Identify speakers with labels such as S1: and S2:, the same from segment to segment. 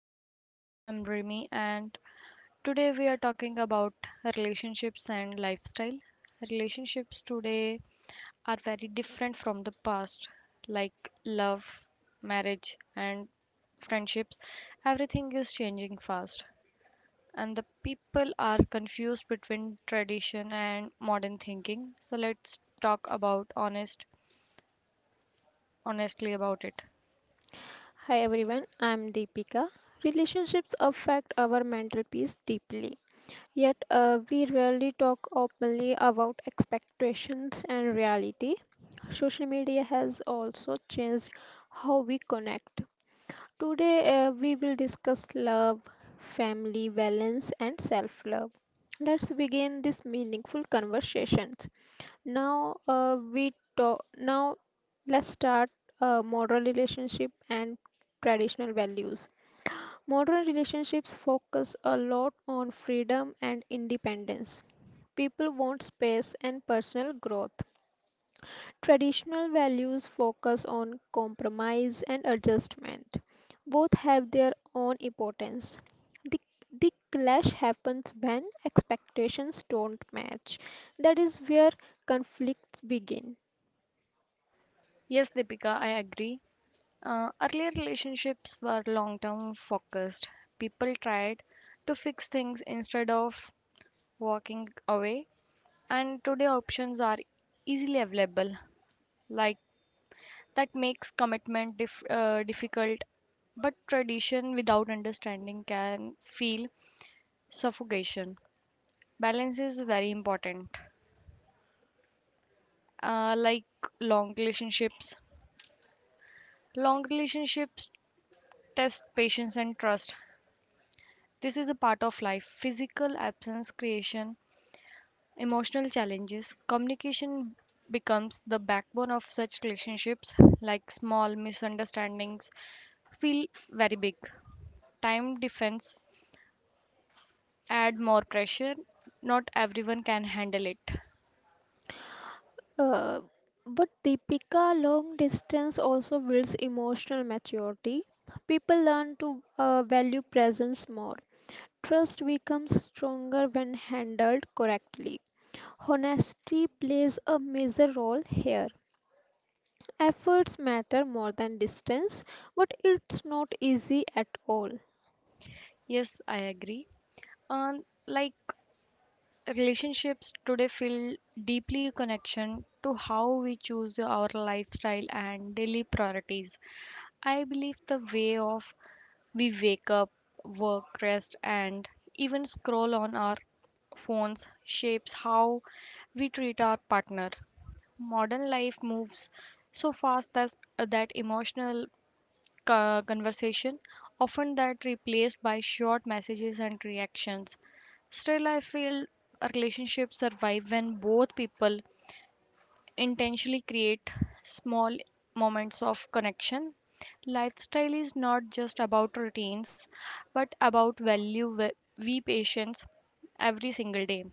S1: podcast. I'm Rimi and today we are talking about relationships and lifestyle. Relationships today are very different from the past like love, marriage and friendships. Everything is changing fast and the people are confused between tradition and modern thinking. So let's talk about honestly about it.
S2: Hi everyone, I'm Deepika. Relationships affect our mental peace deeply, yet, we rarely talk openly about expectations and reality. Social media has also changed how we connect. Today, we will discuss love, family balance, and self love. Let's begin this meaningful conversations. Now, we talk. Now, let's start modern relationship and traditional values. Modern relationships focus a lot on freedom and independence. People want space and personal growth. Traditional values focus on compromise and adjustment. Both have their own importance. The, the clash happens when expectations don't match. That is where conflicts begin.
S1: Yes, Deepika, I agree. Earlier relationships were long term focused. People tried to fix things instead of walking away, and today options are easily available. Like that makes commitment difficult, but tradition without understanding can feel suffocation. Balance is very important. Uh, like long relationships, Long relationships test patience and trust. This is a part of life. Physical absence creation emotional challenges. Communication becomes the backbone of such relationships like small misunderstandings feel very big. Time defense add more pressure. Not everyone can handle it.
S2: Uh, but Deepika, long distance also builds emotional maturity. People learn to value presence more. Trust becomes stronger when handled correctly. Honesty plays a major role here. Efforts matter more than distance, but it's not easy at all.
S1: Yes, I agree. And like relationships today feel deeply connection to how we choose our lifestyle and daily priorities. I believe the way of we wake up work rest and even scroll on our phones shapes how we treat our partner. Modern life moves so fast that emotional conversation, often that replaced by short messages and reactions. Still, I feel a relationship survive when both people intentionally create small moments of connection. Lifestyle is not just about routines, but about value we patience every single day.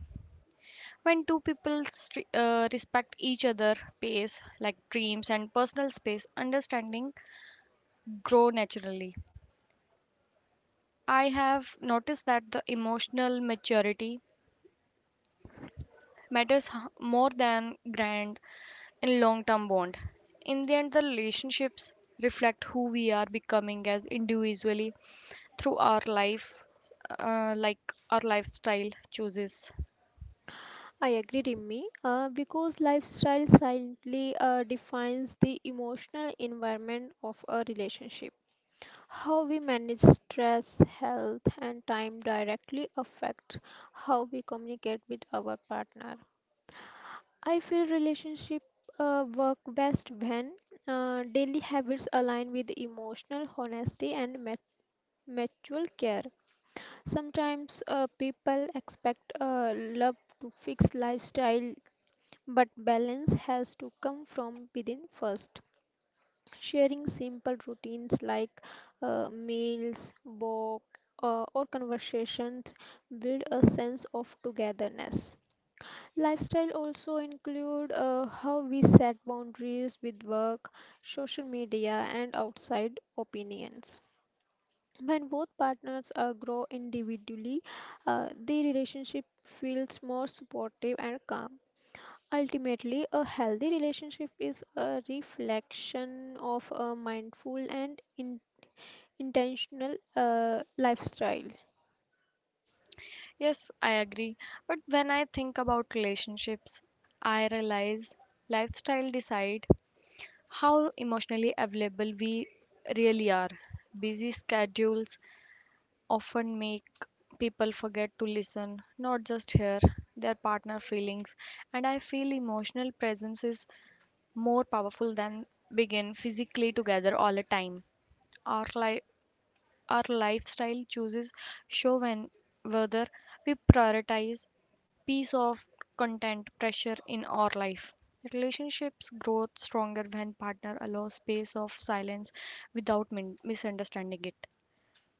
S1: When two people respect each other pace, like dreams and personal space, understanding grow naturally. I have noticed that the emotional maturity more than grand in long term bond. In the end, the relationships reflect who we are becoming as individually through our life, like our lifestyle choices.
S2: I agree, Rimmy, because lifestyle silently defines the emotional environment of a relationship. How we manage stress, health, and time directly affect how we communicate with our partner. I feel relationship work best when daily habits align with emotional honesty and mutual care. Sometimes people expect love to fix lifestyle, but balance has to come from within first. Sharing simple routines like meals, walk, or conversations build a sense of togetherness. Lifestyle also include how we set boundaries with work, social media, and outside opinions. When both partners grow individually, the relationship feels more supportive and calm. Ultimately, a healthy relationship is a reflection of a mindful and intentional lifestyle.
S1: Yes, I agree. But when I think about relationships, I realize lifestyle decide how emotionally available we really are. Busy schedules, often make people forget to listen, not just hear their partner feelings. And I feel emotional presence is more powerful than begin physically together all the time. Our li- our lifestyle chooses show when whether we prioritize piece of content pressure in our life. Relationships grow stronger when partner allows space of silence without misunderstanding it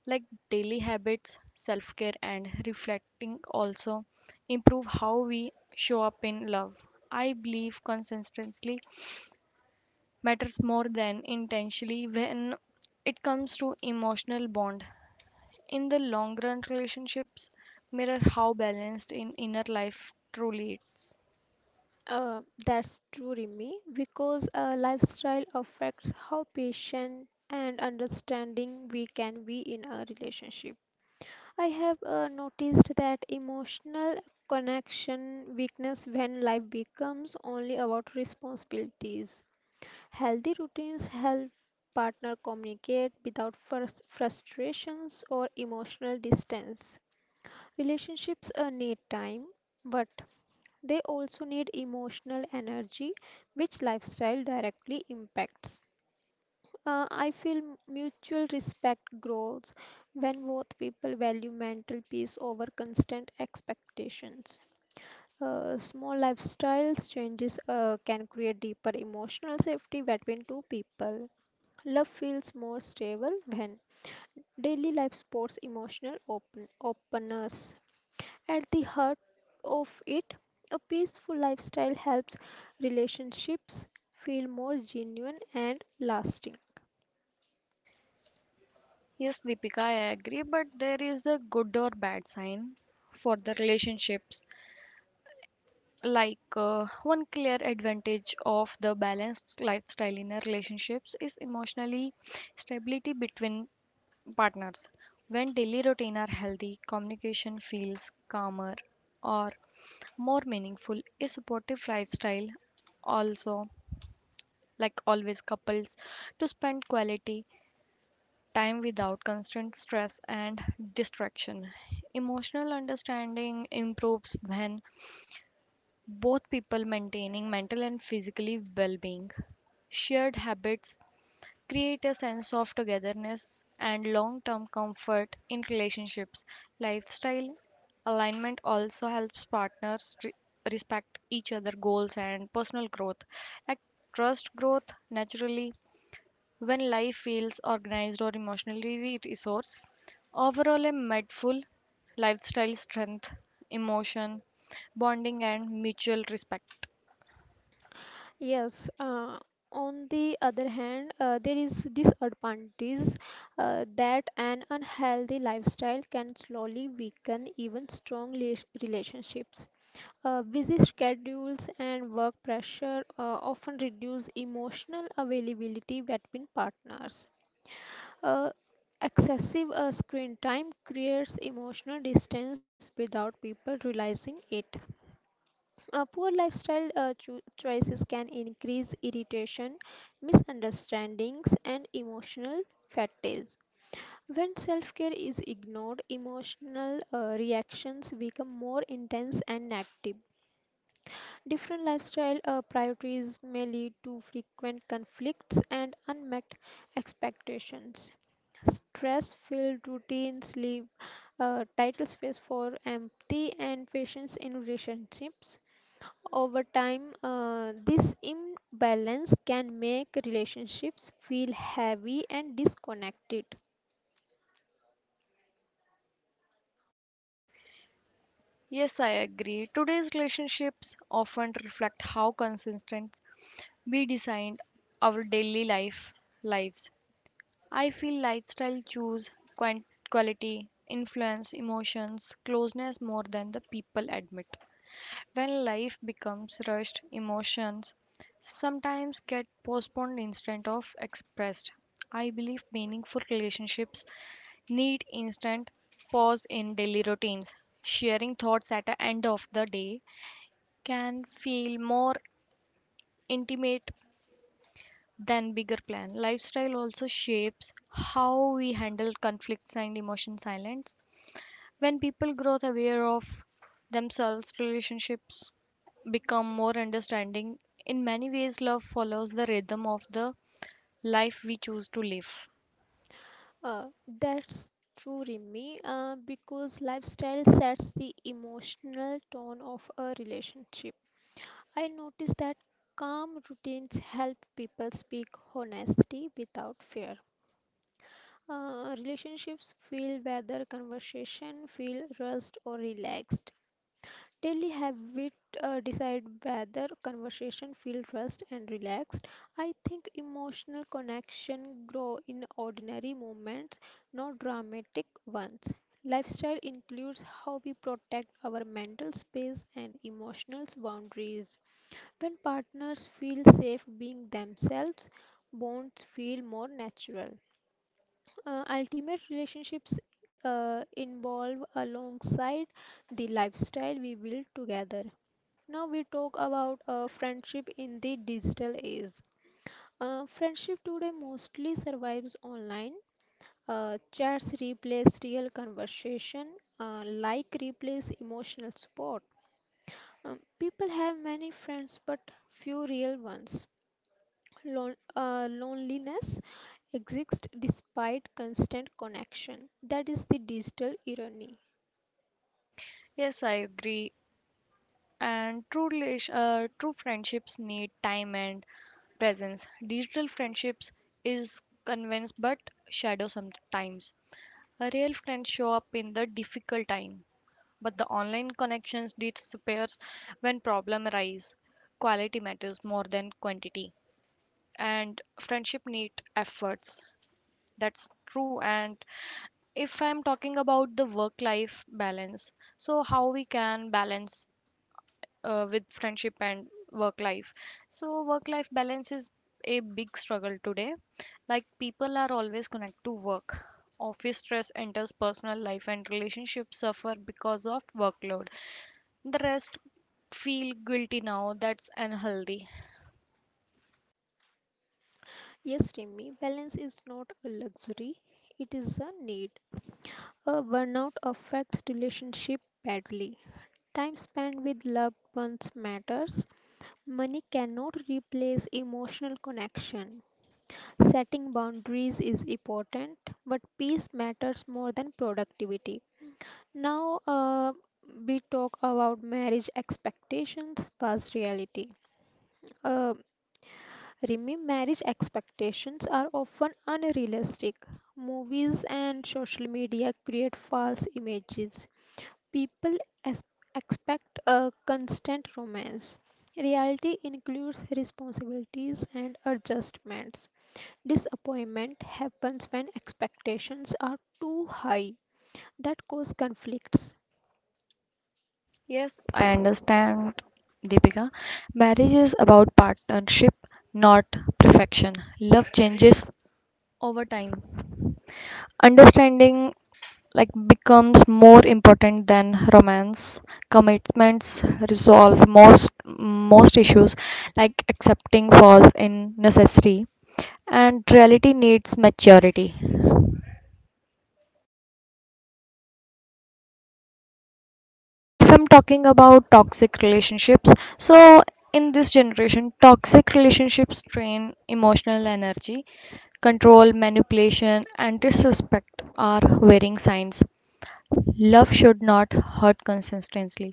S1: like daily habits, self care, and reflecting also improve how we show up in love. I believe consistency matters more than intentionally when it comes to emotional bond. In the long run, relationships mirror how balanced in inner life truly is.
S2: That's true, Rimi, because lifestyle affects how patient and understanding we can be in a relationship. I have noticed that emotional connection weakness when life becomes only about responsibilities. Healthy routines help partner communicate without frustrations or emotional distance. Relationships need time, but they also need emotional energy, which lifestyle directly impacts. I feel mutual respect grows when both people value mental peace over constant expectations. Small lifestyle changes can create deeper emotional safety between two people. Love feels more stable when daily life supports emotional open openness. At the heart of it, a peaceful lifestyle helps relationships feel more genuine and lasting.
S1: Yes, Deepika, I agree, but there is a good or bad sign for the relationships like one clear advantage of the balanced lifestyle in our relationships is emotionally stability between partners when daily routine are healthy communication feels calmer or more meaningful. A supportive lifestyle also like always couples to spend quality time without constant stress and distraction. Emotional understanding improves when both people maintaining mental and physically well-being. Shared habits create a sense of togetherness and long-term comfort in relationships. Lifestyle alignment also helps partners respect each other goals and personal growth. Like trust growth naturally when life feels organized or emotionally resourced. Overall, a mindful lifestyle strength, emotion, bonding, and mutual respect.
S2: Yes, on the other hand, there is disadvantages that an unhealthy lifestyle can slowly weaken even strong relationships. Busy schedules and work pressure often reduce emotional availability between partners. Uh, Excessive screen time creates emotional distance without people realizing it. Poor lifestyle choices can increase irritation, misunderstandings, and emotional fatigue. When self care is ignored, emotional reactions become more intense and negative. Different lifestyle priorities may lead to frequent conflicts and unmet expectations. Stress filled routines leave title space for empathy and patience in relationships. Over time, this imbalance can make relationships feel heavy and disconnected.
S1: Yes, I agree. Today's relationships often reflect how consistent we designed our daily life lives. I feel lifestyle choose quan- quality, influence, emotions, closeness more than the people admit. When life becomes rushed, emotions sometimes get postponed instead of expressed. I believe meaningful relationships need instant pause in daily routines. Sharing thoughts at the end of the day can feel more intimate than bigger plan. Lifestyle also shapes how we handle conflicts and emotion silence. When people grow aware of themselves relationships become more understanding. In many ways love follows the rhythm of the life we choose to live.
S2: Uh, that's true, Rimi, because lifestyle sets the emotional tone of a relationship. I notice that calm routines help people speak honesty without fear. Relationships feel whether conversation feel rushed or relaxed. Daily habit decide whether conversation feel trust and relaxed. I think emotional connection grow in ordinary moments, not dramatic ones. Lifestyle includes how we protect our mental space and emotional boundaries. When partners feel safe being themselves, bonds feel more natural. Ultimate relationships involve alongside the lifestyle we build together. Now we talk about friendship in the digital age. Friendship today mostly survives online. Chats replace real conversation, like replace emotional support. People have many friends but few real ones. Loneliness exists despite constant connection. That is the digital irony.
S1: Yes, I agree. And true friendships need time and presence. Digital friendships is convinced but shadow. Sometimes a real friend show up in the difficult time but the online connections disappears when problem arise. Quality matters more than quantity and friendship need efforts. That's true. And if I'm talking about the work life balance, so how we can balance with friendship and work life. So work life balance is a big struggle today like people are always connected to work. Office stress enters personal life and relationships suffer because of workload. The rest feel guilty now, that's unhealthy.
S2: Yes, Remy, balance is not a luxury, it is a need. A burnout affects relationship badly. Time spent with loved ones matters. Money cannot replace emotional connection. Setting boundaries is important, but peace matters more than productivity. Now, we talk about marriage expectations versus reality. Uh, Rimi, marriage expectations are often unrealistic. Movies and social media create false images. People es- expect a constant romance. Reality includes responsibilities and adjustments. Disappointment happens when expectations are too high that cause conflicts.
S1: Yes, I understand, Deepika. Marriage is about partnership, not perfection. Love changes over time. Understanding like becomes more important than romance. Commitments resolve most issues like accepting falls in necessary and reality needs maturity. If I'm talking about toxic relationships, so in this generation, toxic relationships drain emotional energy, control, manipulation, and disrespect are worrying signs. Love should not hurt consistently,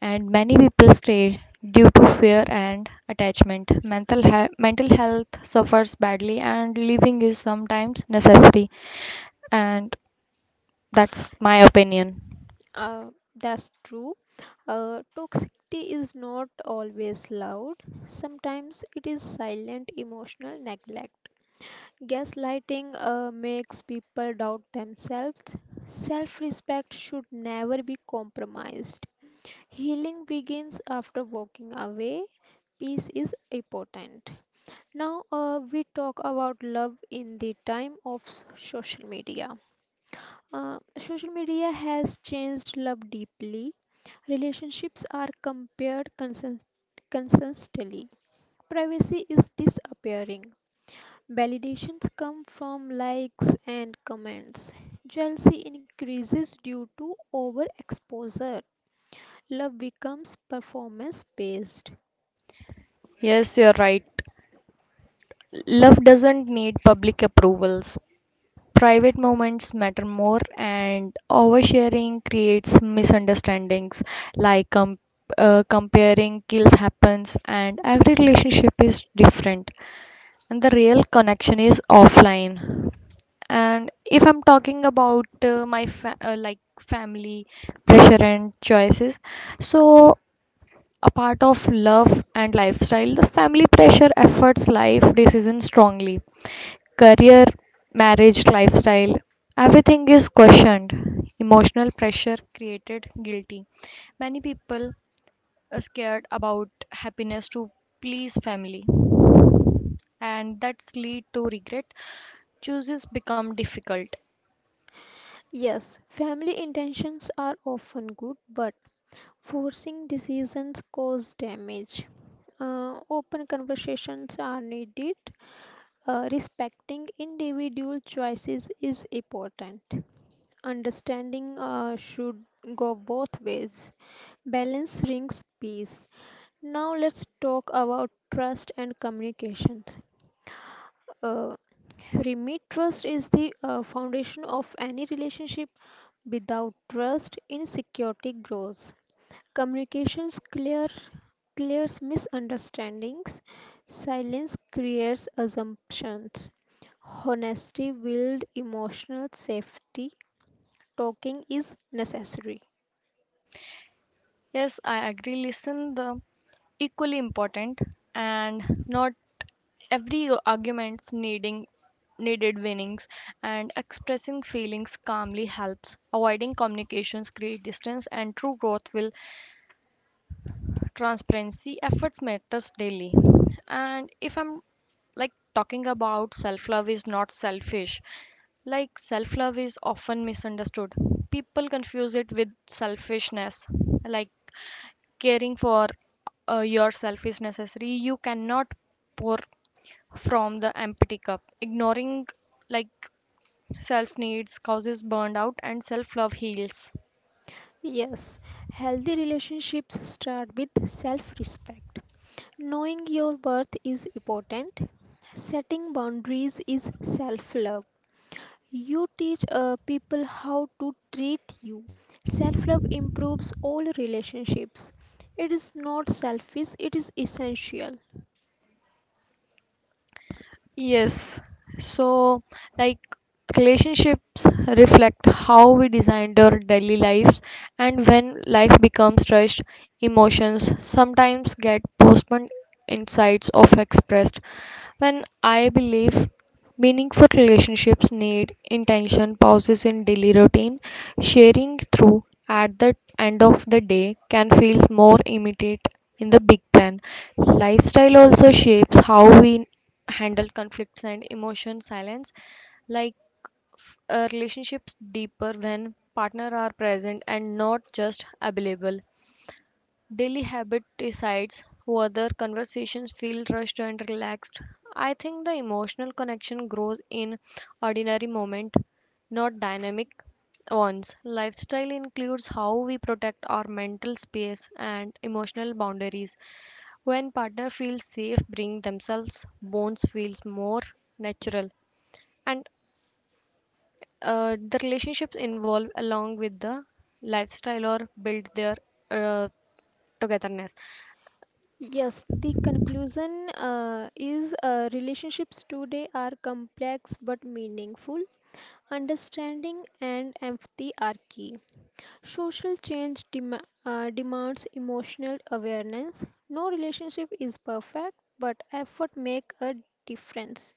S1: and many people stay due to fear and attachment. Mental health suffers badly, and leaving is sometimes necessary, and that's my opinion.
S2: That's true. Toxicity is not always loud. Sometimes it is silent emotional neglect. Gaslighting makes people doubt themselves. Self respect should never be compromised. Healing begins after walking away. Peace is important. Now, we talk about love in the time of social media. Social media has changed love deeply. Relationships are compared consistently. Privacy is disappearing. Validations come from likes and comments. Jealousy increases due to overexposure. Love becomes performance based.
S1: Yes, you're right. Love doesn't need public approvals. Private moments matter more, and oversharing creates misunderstandings like comparing kills happens, and every relationship is different, and the real connection is offline. And if I'm talking about like family pressure and choices, so a part of love and lifestyle. The family pressure affects life decisions strongly. Career, marriage, lifestyle, everything is questioned. Emotional pressure created guilty. Many people are scared about happiness to please family and that's lead to regret. Choices become difficult.
S2: Yes, family intentions are often good, but forcing decisions cause damage. Open conversations are needed. Respecting individual choices is important. Understanding should go both ways. Balance brings peace. Now let's talk about trust and communications. Uh, Remit trust is the foundation of any relationship. Without trust, insecurity grows. Communications clears misunderstandings. Silence creates assumptions. Honesty builds emotional safety. Talking is necessary.
S1: Yes, I agree. Listen the equally important and not every arguments needing needed winnings and expressing feelings calmly helps avoiding communications create distance and true growth will transparency efforts matters daily. And if I'm like talking about self love is not selfish like self love is often misunderstood. People confuse it with selfishness like caring for yourself is necessary. You cannot pour from the empty cup ignoring like self needs causes burnout and self love heals.
S2: Yes, healthy relationships start with self respect. Knowing your worth is important. Setting boundaries is self love. You teach people how to treat you. Self love improves all relationships. It is not selfish, it is essential.
S1: Yes. So like relationships reflect how we designed our daily lives. And when life becomes rushed, emotions sometimes get postponed insights of expressed. When I believe meaningful relationships need intention pauses in daily routine, sharing through at the end of the day can feel more immediate in the big plan. Lifestyle also shapes how we handle conflicts and emotion silence like relationships deeper when partner are present and not just available. Daily habit decides whether conversations feel rushed and relaxed. I think the emotional connection grows in ordinary moment, not dynamic ones. Lifestyle includes how we protect our mental space and emotional boundaries. When partner feels safe, bring themselves, bonds feels more natural. And the relationships involve along with the lifestyle or build their uh, togetherness.
S2: Yes, the conclusion is relationships today are complex but meaningful. Understanding and empathy are key. Social change demands emotional awareness. No relationship is perfect, but effort make a difference.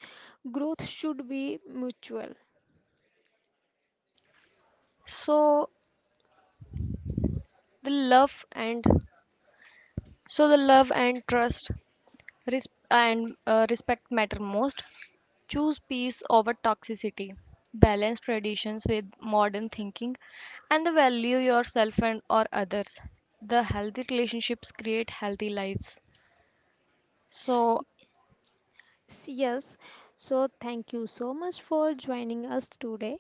S2: Growth should be mutual.
S1: So the love and trust res- and respect matter most. Choose peace over toxicity. Balance traditions with modern thinking and the value yourself and or others. The healthy relationships create healthy lives. So
S2: Yes, so thank you so much for joining us today.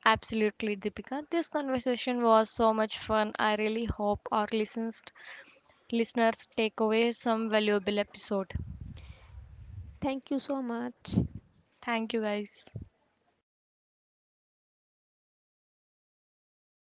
S1: absolutely, Deepika. This conversation was so much fun. I really hope our listeners take away some valuable episode.
S2: Thank you so much.
S1: Thank you guys.